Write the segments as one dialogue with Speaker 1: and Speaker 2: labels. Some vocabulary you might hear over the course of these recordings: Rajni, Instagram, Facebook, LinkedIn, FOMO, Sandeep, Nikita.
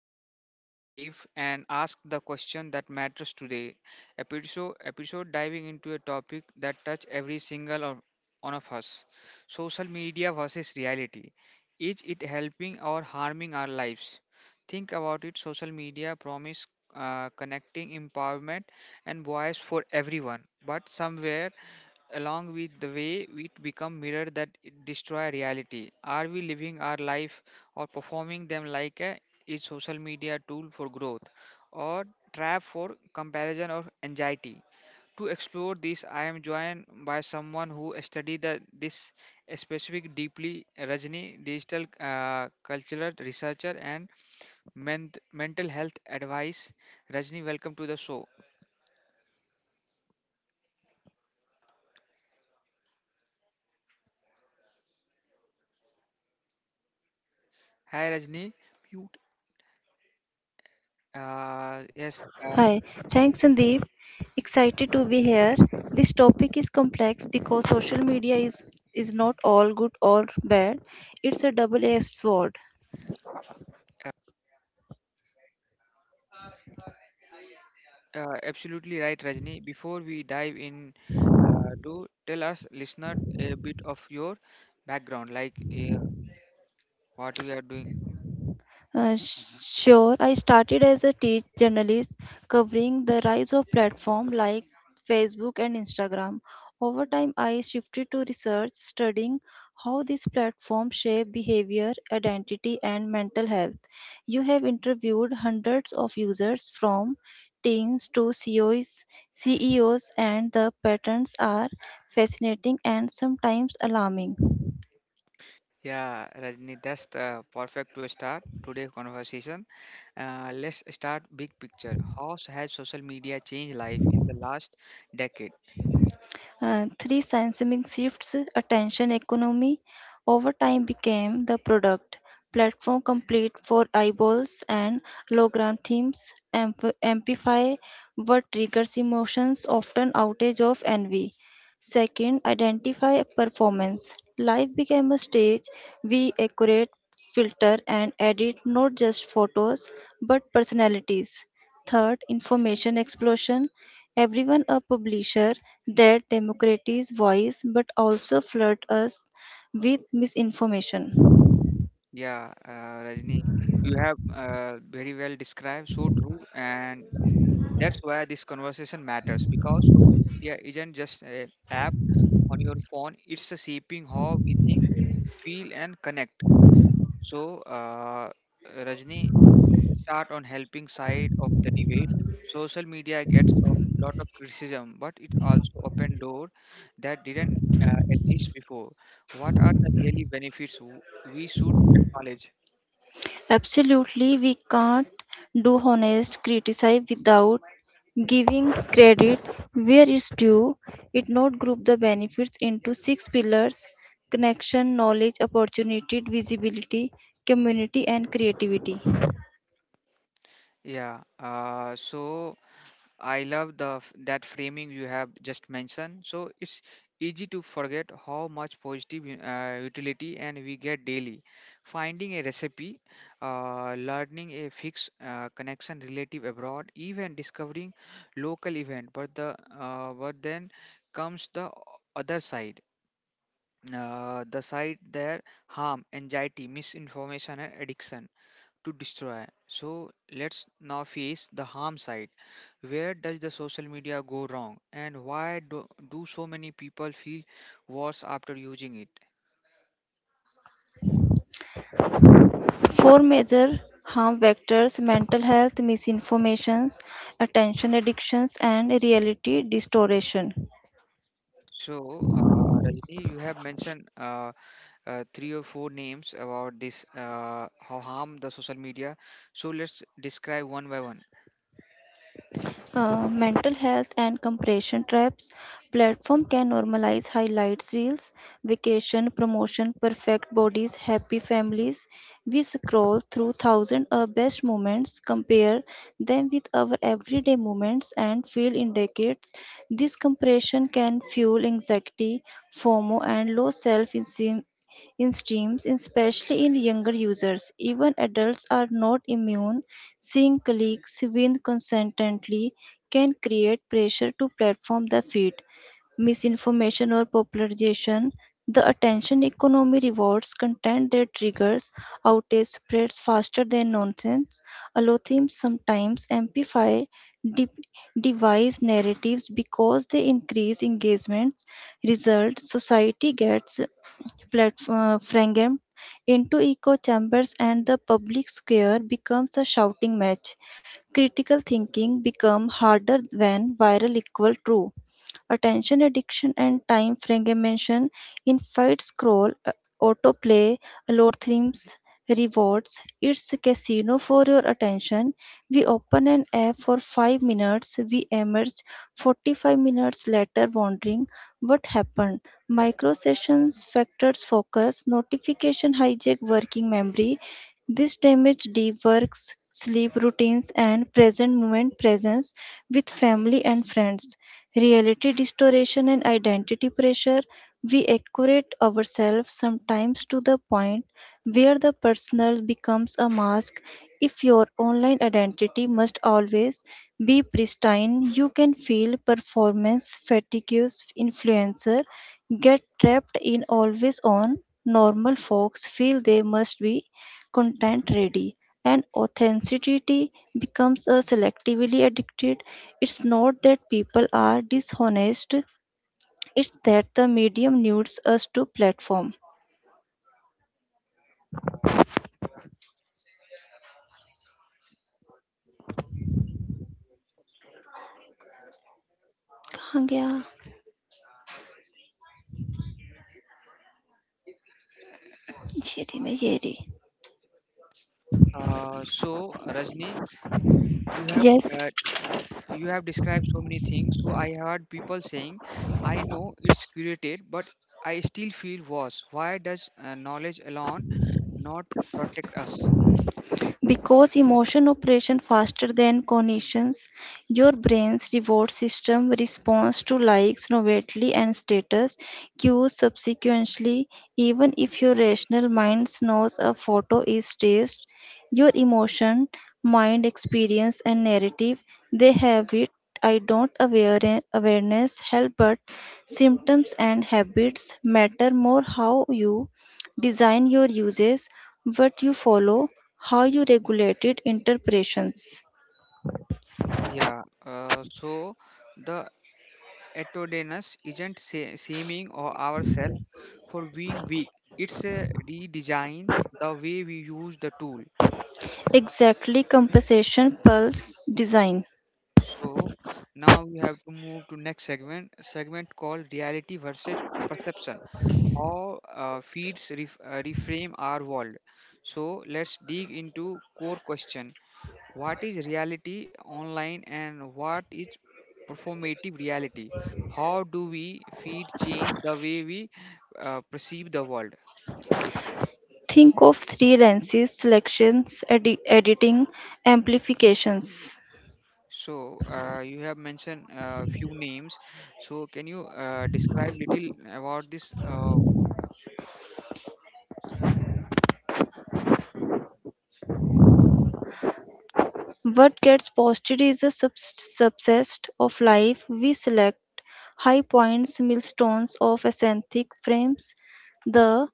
Speaker 1: layer modern life and ask the question that matters today. Episode diving into a topic that touch every single of, one of us. Social media versus reality, is it helping or harming our lives? Think about it. Social media promise connecting empowerment and voice for everyone, but somewhere along with the way we become mirror that destroy reality. Are we living our life or performing them like a, is social media tool for growth or trap for comparison or anxiety? To explore this, I am joined by someone who studied this specific deeply, Rajni, digital cultural researcher and mental health advice. Rajni, welcome to the show. Hi, Rajni. Mute. Yes.
Speaker 2: Hi, thanks Sandeep. Excited to be here. This topic is complex because social media is not all good or bad. It's a double-edged sword.
Speaker 1: Absolutely right, Rajni. Before we dive in, to tell us listener a bit of your background, like what we are doing.
Speaker 2: Sure, I started as a teach journalist covering the rise of platforms like Facebook and Instagram. Over time, I shifted to research studying how these platforms shape behavior, identity, and mental health. You have interviewed hundreds of users from teens to CEOs, and the patterns are fascinating and sometimes alarming.
Speaker 1: Yeah, Rajni, that's the perfect to start today's conversation. Let's start big picture. How has social media changed life in the last decade?
Speaker 2: Three seismic shifts, attention economy, over time became the product platform complete for eyeballs and logarithms amplify what triggers emotions, often outage of envy. Second, identify performance. Life became a stage. We accurate, filter, and edit not just photos but personalities. Third, information explosion. Everyone a publisher that democratize voice but also flood us with misinformation.
Speaker 1: Yeah, Rajni, you have very well described, so true, and that's why this conversation matters because social media isn't just an app on your phone, it's a shaping how we think, feel, and connect. So, Rajni, let's start on helping side of the debate. Social media gets a lot of criticism, but it also opened door that didn't exist before. What are the really benefits we should acknowledge?
Speaker 2: Absolutely we can't do honest criticism without giving credit where it's due. It not group the benefits into six pillars connection, knowledge, opportunity, visibility, community and creativity.
Speaker 1: Yeah, so I love the that framing you have just mentioned. So it's easy to forget how much positive utility and we get daily. Finding a recipe, learning a fixed connection relative abroad, even discovering local event. But then comes the other side. The side there harm, anxiety, misinformation, and addiction to destroy. So let's now face the harm side. Where does the social media go wrong, and why do so many people feel worse after using it?
Speaker 2: Four major harm vectors mental health misinformations, attention addictions, and reality distortion.
Speaker 1: So, Rajni, you have mentioned three or four names about this how harm the social media. So let's describe one by one.
Speaker 2: Mental health and compression traps platform can normalize highlights reels vacation promotion perfect bodies happy families we scroll through thousand best moments compare them with our everyday moments and feel indicates this compression can fuel anxiety fomo and low self-esteem in streams, especially in younger users. Even adults are not immune. Seeing colleagues win consistently can create pressure to platform the feed, misinformation or popularization. The attention economy rewards content that triggers outrage spreads faster than nonsense. Algorithms sometimes amplify de- device narratives because they increase engagements. Result: society gets platform framed into echo chambers and the public square becomes a shouting match. Critical thinking becomes harder when viral equal true attention addiction and time fragmentation in fight scroll autoplay algorithms rewards it's casino for your attention we open an app for 5 minutes we emerge 45 minutes later wondering what happened micro sessions factors focus notification hijack working memory this damage deep works sleep routines and present moment presence with family and friends reality distortion, and identity pressure, we accurate ourselves sometimes to the point where the personal becomes a mask. If your online identity must always be pristine, you can feel performance fatigue. Influencer get trapped in always on. Normal folks feel they must be content ready and authenticity becomes a selectively addicted it's not that people are dishonest it's that the medium needs us to platform कहाँ गया ये रही मैं ये रही.
Speaker 1: So, Rajni, you have
Speaker 2: Yes.
Speaker 1: uh, you have described so many things so I heard people saying I know it's curated but I still feel worse. Why does knowledge alone not protect us?
Speaker 2: Because emotion operation faster than cognitions, your brain's reward system responds to likes, novelty, and status cues subsequently. Even if your rational mind knows a photo is staged, your emotion, mind, experience, and narrative they have it. I don't aware awareness help, but symptoms and habits matter more how you Design your uses, what you follow, how you regulate it, interpretations.
Speaker 1: Yeah uh, so the autonomous isn't shaming or ourselves for being weak, it's a redesign the way we use the tool.
Speaker 2: Exactly compensation pulse design.
Speaker 1: So now we have to move to next segment called reality versus perception. How feeds reframe our world. So let's dig into core question. What is reality online and what is performative reality? How do we feed change the way we perceive the world?
Speaker 2: Think of three lenses selections, editing, amplifications.
Speaker 1: So you have mentioned a few names. So can you describe little about this?
Speaker 2: What gets posted is a subset of life. We select high points, milestones of aesthetic frames, the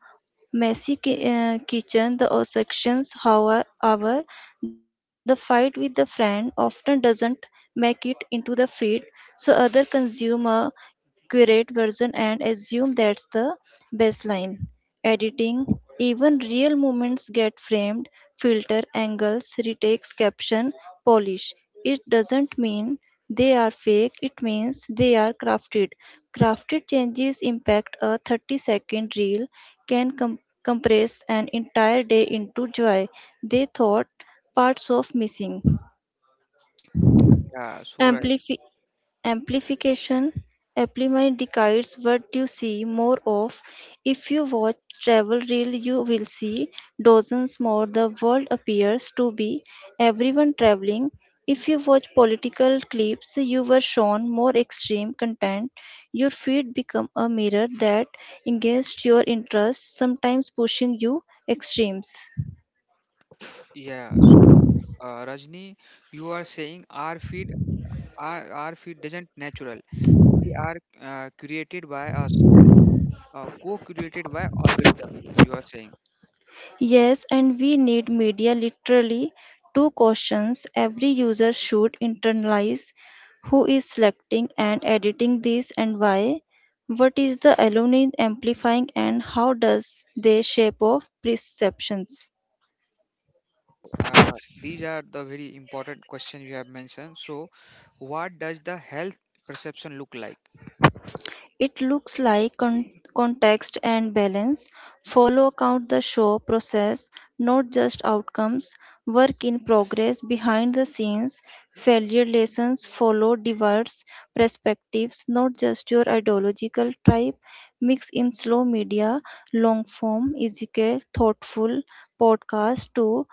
Speaker 2: messy kitchen, the sections, however, hour, the fight with the friend often doesn't make it into the feed, so other consumer curate version and assume that's the baseline. Editing, even real moments get framed, filter angles, retakes, caption, polish. It doesn't mean they are fake, it means they are crafted. Crafted changes impact a 30-second reel can compress an entire day into joy. They thought parts of missing.
Speaker 1: Yeah. So
Speaker 2: Amplify amplification amplify decides what you see more of if you watch travel reel you will see dozens more the world appears to be everyone traveling if you watch political clips you were shown more extreme content your feed become a mirror that engaged your interest sometimes pushing you extremes.
Speaker 1: yeah. So Rajni, you are saying our feed doesn't natural. They are created by us and co-created by algorithm. You are saying
Speaker 2: Yes, and we need media literally. Two questions every user should internalize who is selecting and editing this and why? What is the aluminum amplifying and how does they shape of perceptions?
Speaker 1: these are the very important question you have mentioned. So, what does the health perception look like?
Speaker 2: It looks like context and balance, follow count the show process, not just outcomes, work in progress behind the scenes, failure lessons, follow diverse perspectives, not just your ideological tribe, mix in slow media, long form, easier, thoughtful podcast to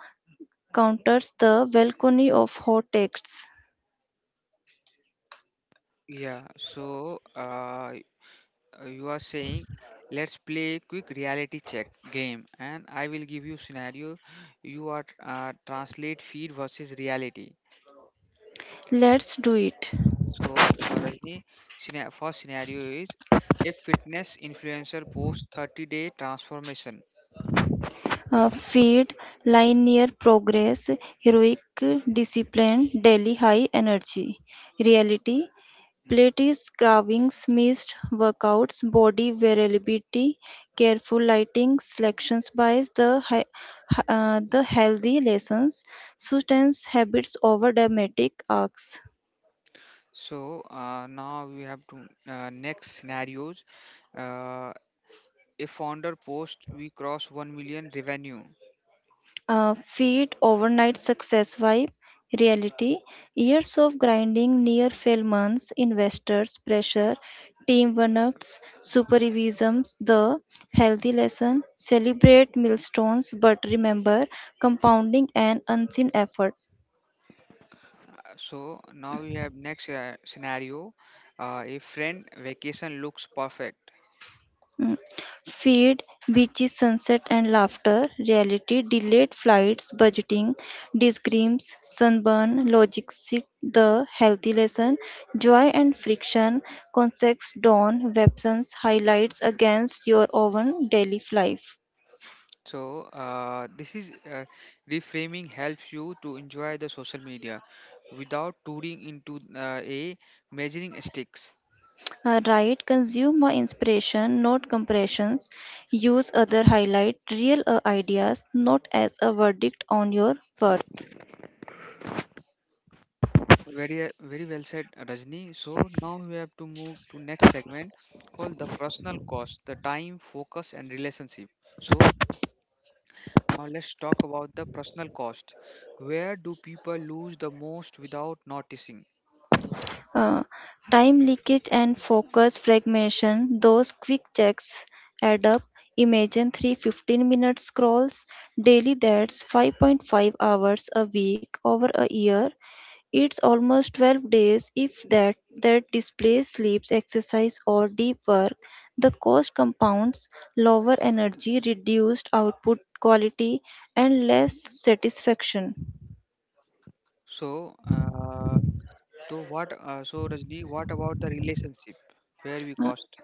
Speaker 2: counters the balcony of hot texts.
Speaker 1: Yeah. So you are saying let's play a quick reality check game, and I will give you scenario. You are translate feed versus reality.
Speaker 2: Let's do it.
Speaker 1: So, Rajni, first scenario is a fitness influencer posts 30-day day transformation.
Speaker 2: Feed, linear progress, heroic discipline, daily high energy. Reality Plates, carvings, missed workouts, body variability, careful lighting, selections bias the the healthy lessons, sustains habits over dramatic arcs.
Speaker 1: So, now we have to next scenarios. Uh, a founder post we cross 1 million revenue.
Speaker 2: Feed overnight success vibe reality years of grinding near fail months investors pressure team one-ups supervisms the healthy lesson celebrate milestones but remember compounding an unseen effort.
Speaker 1: So, now we have next scenario. A friend vacation looks perfect.
Speaker 2: Mm. Feed, beaches, sunset, and laughter. Reality, delayed flights, budgeting, disgreams, sunburn, logic, sit, the healthy lesson, joy and friction, context, dawn, weapons, highlights against your own daily life.
Speaker 1: So, this is reframing helps you to enjoy the social media without touring into a measuring sticks.
Speaker 2: Right, consume my inspiration, not compressions. Use other highlight, real ideas, not as a verdict on your worth.
Speaker 1: Very, very well said, Rajni. So now we have to move to next segment called the personal cost, the time, focus, and relationship. So now let's talk about the personal cost. Where do people lose the most without noticing?
Speaker 2: Uh, Time leakage and focus fragmentation, those quick checks add up. Imagine three 15-minute scrolls daily, that's 5.5 hours a week over a year. It's almost 12 days if that displays sleeps, exercise or deep work. The cost compounds, lower energy, reduced output quality and less satisfaction.
Speaker 1: So, so what? So Rajni, what about the relationship? Where we cost?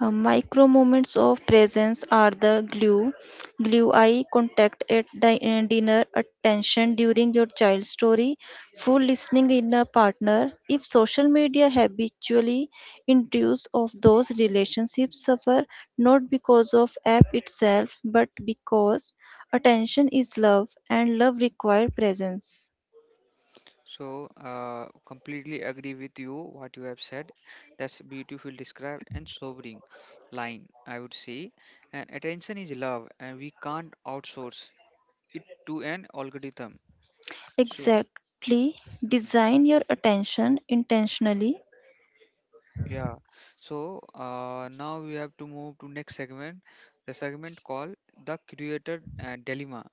Speaker 2: Micro moments of presence are the glue. Glue eye contact at dinner, attention during your child's story, full listening in a partner. If social media habitually induce of those relationships suffer not because of app itself, but because attention is love and love require presence.
Speaker 1: So, completely agree with you what you have said. That's beautiful describe and sobering line, I would say. And attention is love, and we can't outsource it to an algorithm. So,
Speaker 2: Exactly. Design your attention intentionally.
Speaker 1: yeah. So now we have to move to next segment, the segment called the creator dilemma,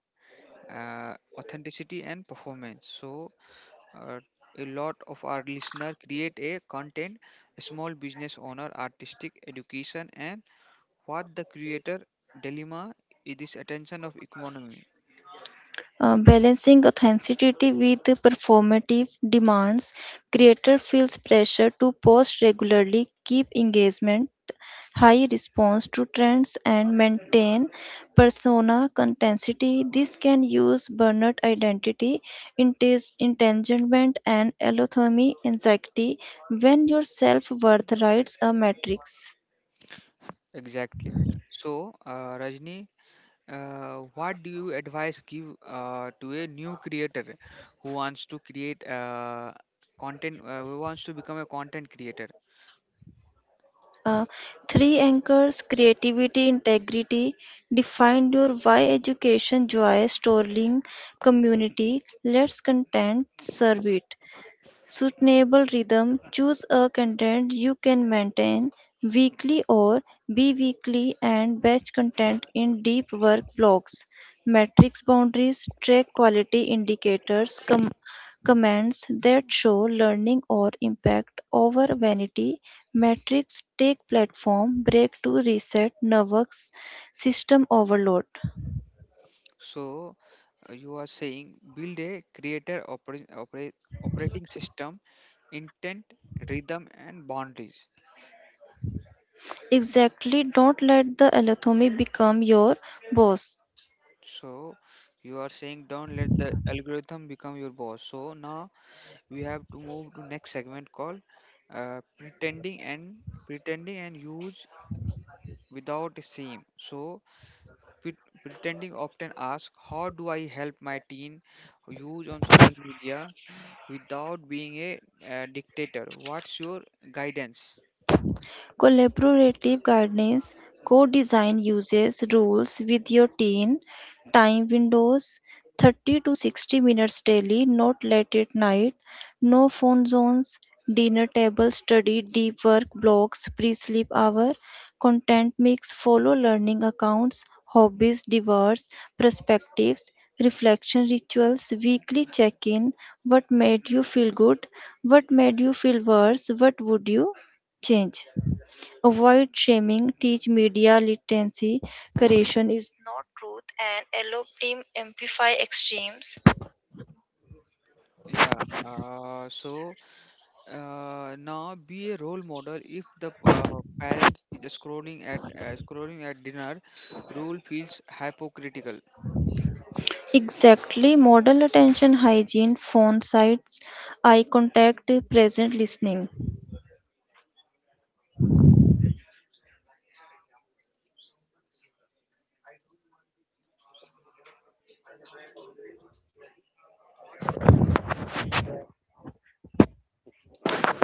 Speaker 1: authenticity and performance. So uh, a lot of our listener create a content a small business owner artistic education and what the creator dilemma is this attention of economy
Speaker 2: Balancing authenticity with the performative demands, creator feels pressure to post regularly, keep engagement high, response to trends, and maintain persona contentity. This can use burnout identity, entanglement, and allothermy anxiety when your self worth rides a matrix.
Speaker 1: exactly so Rajni what do you advise give to a new creator who wants to create content who wants to become a content creator.
Speaker 2: Uh, Three anchors creativity, integrity. Define your why education, joy, storytelling, community. Let's content serve it. Suitable rhythm Choose a content you can maintain weekly or bi-weekly and batch content in deep work blocks. Matrix boundaries track quality indicators, comments that show learning or impact over vanity metrics. Take platform break to reset nervous system overload.
Speaker 1: So you are saying build a creator operating system, intent, rhythm, and boundaries.
Speaker 2: Exactly, don't let the algorithm become your boss.
Speaker 1: So you are saying don't let the algorithm become your boss. So now we have to move to next segment called uh, pretending and pretending and use without seem. So pre- pretending often asks how do I help my teen use on social media without being a dictator? What's your guidance?
Speaker 2: Collaborative gardens. Co design uses rules with your teen, time windows 30 to 60 minutes daily, not late at night, no phone zones, dinner table study, deep work blocks, pre sleep hour, content mix, follow learning accounts, hobbies, diverse perspectives. Reflection rituals, weekly check in, what made you feel good, what made you feel worse, what would you change? Avoid shaming, teach media literacy. Correction is not truth, and allow team amplify extremes.
Speaker 1: Yeah. Uh, so Now be a role model. If the parents is scrolling at dinner rule feels hypocritical.
Speaker 2: Exactly, model attention hygiene, phone sites, eye contact, present listening.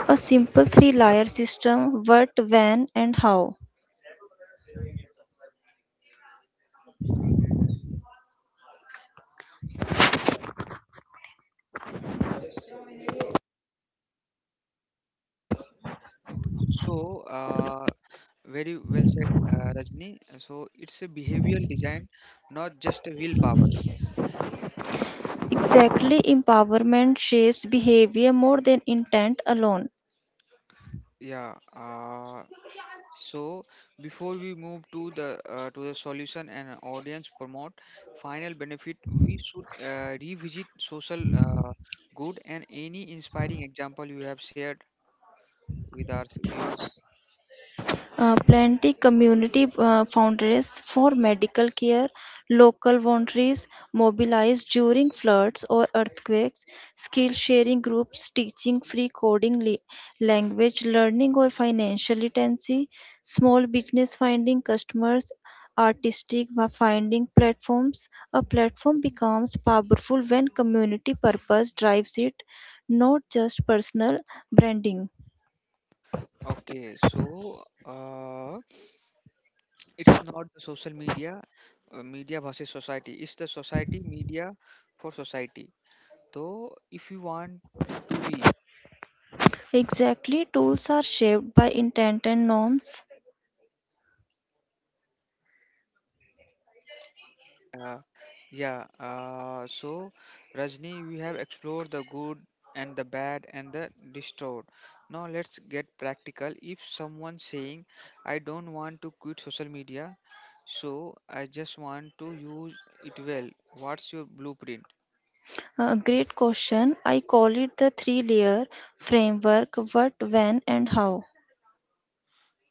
Speaker 2: A simple three layer system what, when, and how.
Speaker 1: So very well said, Rajni, so it's a behavioral design, not just a willpower.
Speaker 2: Exactly, empowerment shapes behavior more than intent alone.
Speaker 1: Yeah. So before we move to the to the solution and audience promote final benefit, we should revisit social good and any inspiring example you have shared with our viewers.
Speaker 2: Plenty community foundries for medical care, local volunteers mobilized during floods or earthquakes, skill sharing groups teaching free coding, language learning, or financial literacy, small business finding customers, artistic finding platforms. A platform becomes powerful when community purpose drives it, not just personal branding.
Speaker 1: Okay, so it's not the social media, media versus society. It's the society media for society. So if you want to be,
Speaker 2: Exactly, tools are shaped by intent and norms.
Speaker 1: uh, yeah. So Rajni, we have explored the good and the bad and the destroyed. Now let's get practical. If someone's saying, "I don't want to quit social media," so I just want to use it well. What's your blueprint?
Speaker 2: Great question. I call it the three layer framework what, when, and how.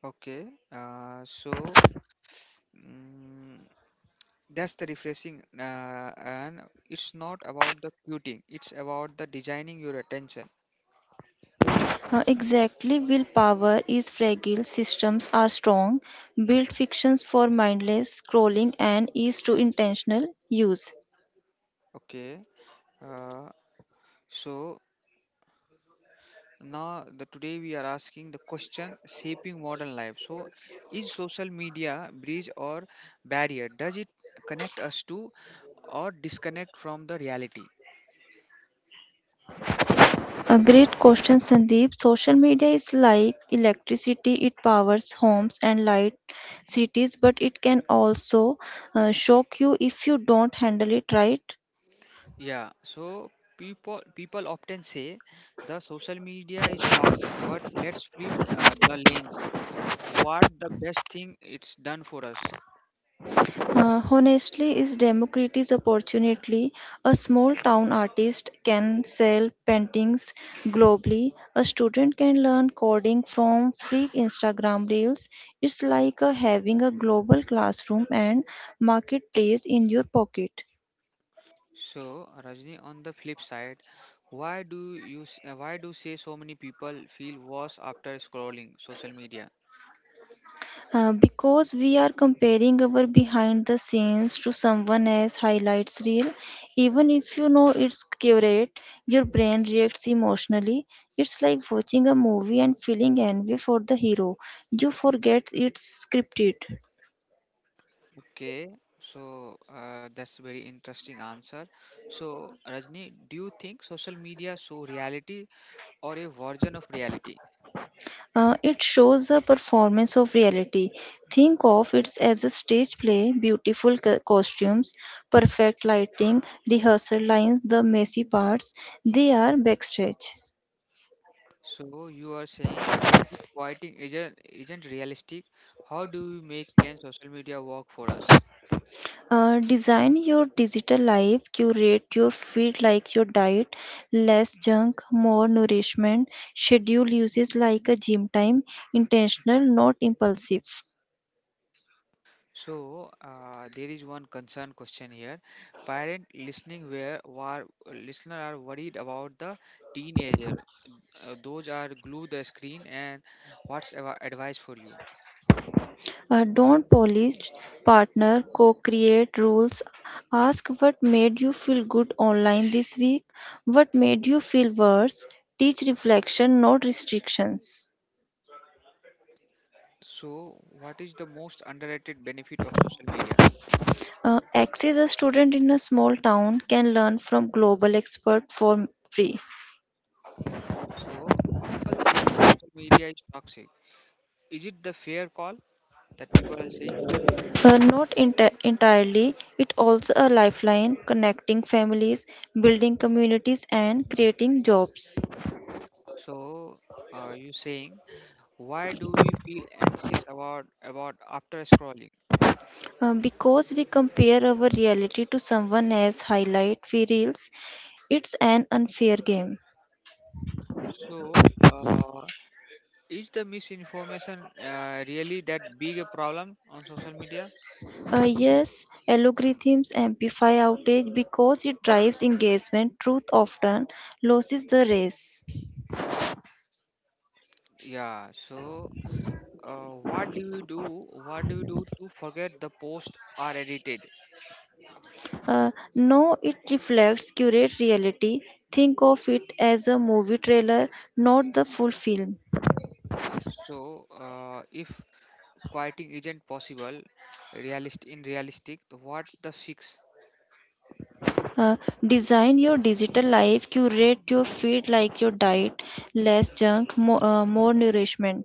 Speaker 1: Okay, uh, so mm, that's the refreshing, and it's not about the quitting, it's about the designing your attention.
Speaker 2: Exactly, willpower is fragile, systems are strong, built fictions for mindless scrolling, and is to intentional use.
Speaker 1: Okay, uh, so now the today we are asking the question shaping modern life. So, is social media bridge or barrier? Does it connect us to or disconnect from the reality?
Speaker 2: A great question, Sandeep. Social media is like electricity, it powers homes and light cities, but it can also shock you if you don't handle it right.
Speaker 1: Yeah, so people often say the social media is toxic, but let's flip the lens. What the best thing it's done for us?
Speaker 2: Honestly, is democratic opportunity. A small town artist can sell paintings globally. A student can learn coding from free Instagram reels. It's like having a global classroom and marketplace in your pocket.
Speaker 1: So, Rajni, on the flip side, why do you why do say so many people feel worse after scrolling social media?
Speaker 2: Because we are comparing our behind the scenes to someone else highlights reel even if you know it's curated your brain reacts emotionally it's like watching a movie and feeling envy for the hero you forget it's scripted.
Speaker 1: Okay, so that's very interesting answer. So, Rajni, do you think social media show reality or a version of reality?
Speaker 2: It shows a performance of reality think of it as a stage play beautiful costumes perfect lighting rehearsal lines the messy parts they are backstage.
Speaker 1: So you are saying if quieting isn't realistic, how do we make can social media work for us?
Speaker 2: Design your digital life, curate your feed like your diet, less junk, more nourishment, schedule uses like a gym time, intentional, not impulsive.
Speaker 1: So there is one concern question here. Parent listening where war listener are worried about the teenager. Those are glue the screen and what's our advice for you?
Speaker 2: Don't polish, partner, co create rules. Ask what made you feel good online this week, what made you feel worse. Teach reflection, not restrictions.
Speaker 1: So what is the most underrated benefit of social media?
Speaker 2: X is a student in a small town, can learn from global expert for free.
Speaker 1: So people saying social media is toxic. Is it the fair call that people are saying?
Speaker 2: Not entirely, it also a lifeline connecting families, building communities and creating jobs.
Speaker 1: So, you saying why do we feel anxious about after scrolling?
Speaker 2: Because we compare our reality to someone else's highlight we reels, it's an unfair game.
Speaker 1: So, is the misinformation really that big a problem on social media?
Speaker 2: Yes, algorithms amplify outage because it drives engagement. Truth often loses the race.
Speaker 1: Yeah. So, what do we do? What do we do to forget the posts are edited?
Speaker 2: No, it reflects curate reality. Think of it as a movie trailer, not the full film.
Speaker 1: So, if quieting isn't possible, realist in realistic, what the fix?
Speaker 2: Uh, Design your digital life, curate your feed like your diet, less junk, more nourishment.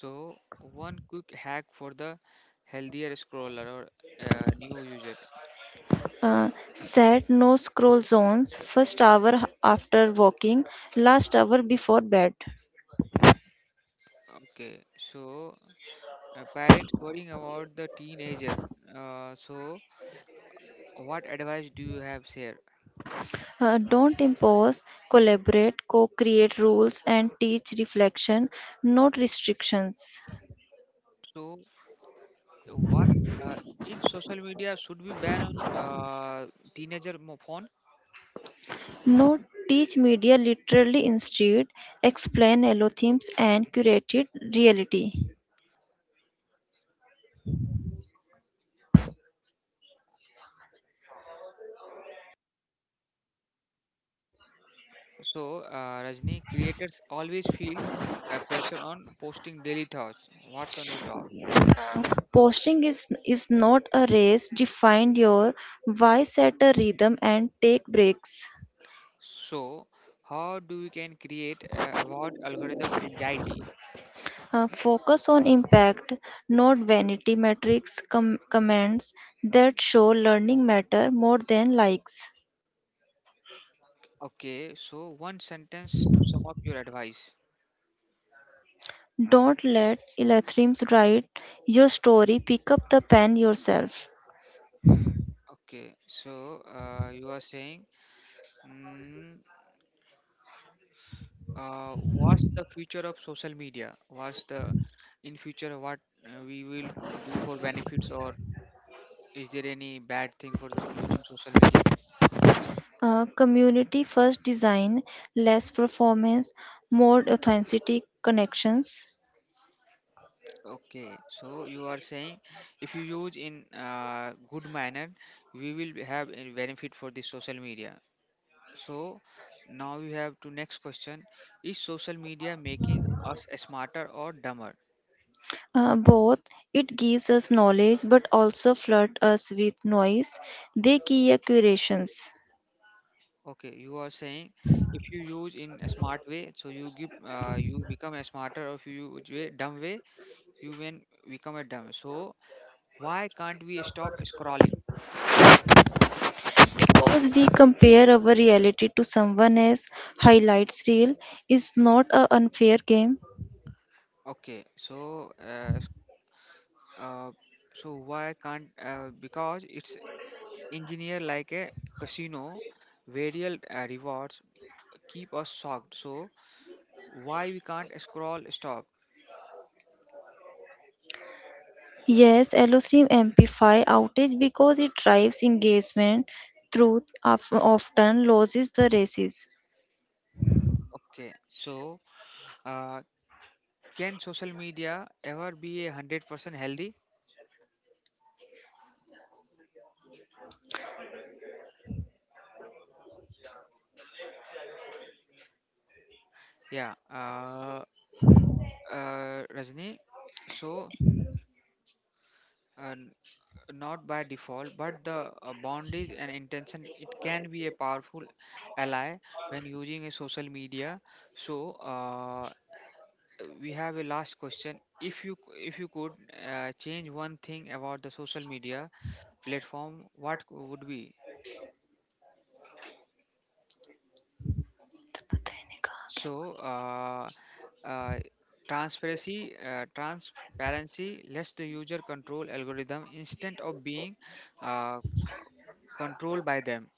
Speaker 1: So, one quick hack for the healthier scroller or new user.
Speaker 2: Set no scroll zones, first hour after walking, last hour before bed.
Speaker 1: Okay, so parents worrying about the teenager. Uh, so, what advice do you have, sir?
Speaker 2: Don't impose, collaborate, co create rules, and teach reflection, not restrictions.
Speaker 1: So, what uh, each social media should be banned on teenager phone?
Speaker 2: No teach media literally instead, explain algorithms and curated reality.
Speaker 1: So, Rajni, creators always feel pressure on posting daily thoughts. What's on your thought?
Speaker 2: Uh, Posting is not a race. Define your why, set a rhythm, and take breaks.
Speaker 1: So, how do we can create avoid algorithm anxiety?
Speaker 2: Focus on impact, not vanity metrics. Comments that show learning matter more than likes.
Speaker 1: Okay, so one sentence to sum up your advice.
Speaker 2: Don't let Elathims write your story. Pick up the pen yourself.
Speaker 1: Okay, so you are saying, mm, what's the future of social media? What's the in future what we will do for benefits, or is there any bad thing for the, using social media?
Speaker 2: Community first design, less performance, more authentic connections.
Speaker 1: Okay, so you are saying if you use in good manner, we will have a benefit for the social media. So now we have to next question. Is social media making us smarter or dumber?
Speaker 2: Both it gives us knowledge but also flood us with noise they key curations
Speaker 1: Okay, you are saying if you use in a smart way, so you give you become a smarter. Or if you use way dumb way, you when become a dumb. So why can't we stop scrolling?
Speaker 2: because we compare our reality to someone else highlights reel is not a unfair game
Speaker 1: Okay, so uh, so why can't, because it's engineer like a casino, variable rewards keep us shocked, so why we can't scroll stop.
Speaker 2: yes Allostream amplify outage because it drives engagement truth often loses the races
Speaker 1: Okay, so uh, can social media ever be 100% healthy? Yeah, Rajni. So uh, n- not by default, but the boundaries and intention it can be a powerful ally when using a social media. So we have a last question. If you could change one thing about the social media platform, what would be? So, uh, transparency lets the user control algorithm instead of being uh, controlled by them.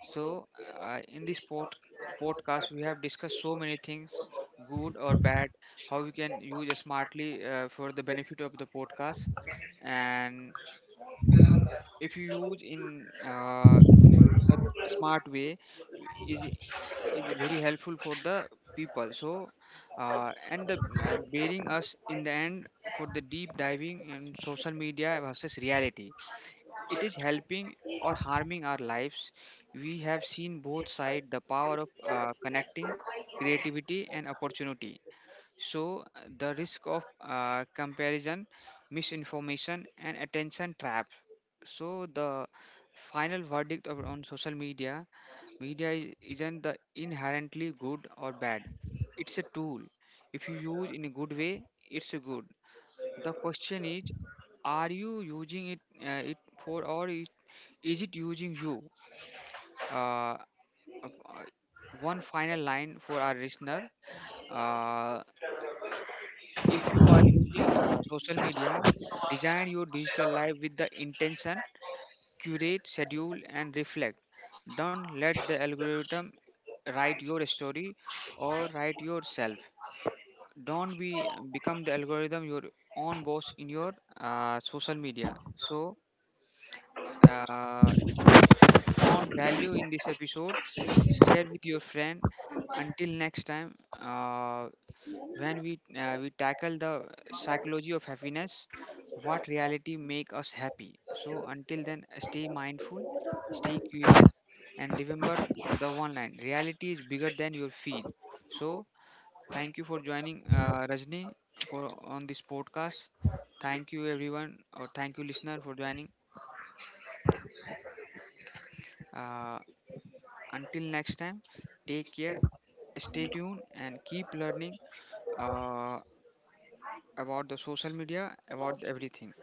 Speaker 1: So, uh, in this pod- podcast, we have discussed so many things, good or bad, how we can use smartly for the benefit of the podcast. And if you use in a smart way is, is very helpful for the people. So and the bearing us in the end for the deep diving in social media versus reality, it is helping or harming our lives. We have seen both sides: the power of connecting, creativity, and opportunity. So, the risk of comparison, misinformation, and attention traps. So, the final verdict of, on social media is, isn't the inherently good or bad, it's a tool. If you use in a good way, it's a good. The question is, are you using it, or is it using you? Uh, uh, uh, One final line for our listener. Uh, if you are using social media, design your digital life with the intention, curate, schedule, and reflect. Don't let the algorithm write your story or write yourself. Don't be become the algorithm your own boss in your social media. So, uh, if you found value in this episode, share with your friend. Until next time, when we tackle the psychology of happiness, what reality make us happy. So until then, stay mindful, stay curious, and remember, the one line reality is bigger than your feed. So thank you for joining, Rajni, for on this podcast. Thank you everyone, or thank you listener for joining. uh, until next time, take care, stay tuned, and keep learning, uh, about the social media, about everything.